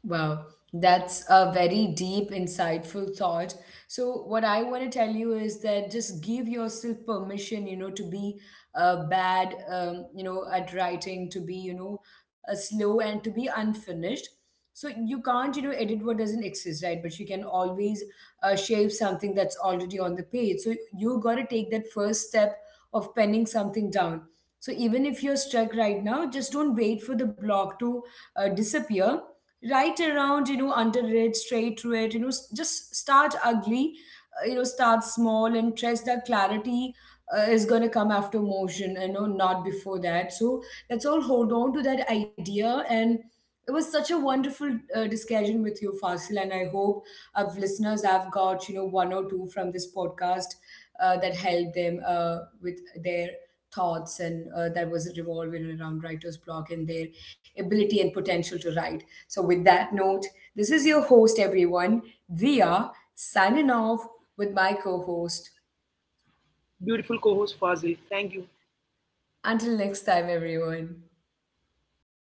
Speaker 1: Wow, that's a very deep, insightful thought. So, what I want to tell you is that just give yourself permission, to be, bad, at writing, to be, slow, and to be unfinished. So, you can't, edit what doesn't exist, right? But you can always, shape something that's already on the page. So, you got to take that first step of penning something down. So, even if you're stuck right now, just don't wait for the block to disappear, right around, under it, straight through it, just start ugly, start small, and trust that clarity, is going to come after motion, not before that. So let's all hold on to that idea. And it was such a wonderful, discussion with you, Fasil, and I hope of listeners I've got, one or two from this podcast, that helped them, with their thoughts and, that was revolving around writer's block and their ability and potential to write. So, with that note, this is your host, everyone, Dia, signing off with my co host.
Speaker 2: Beautiful co-host Fazil, thank you.
Speaker 1: Until next time, everyone.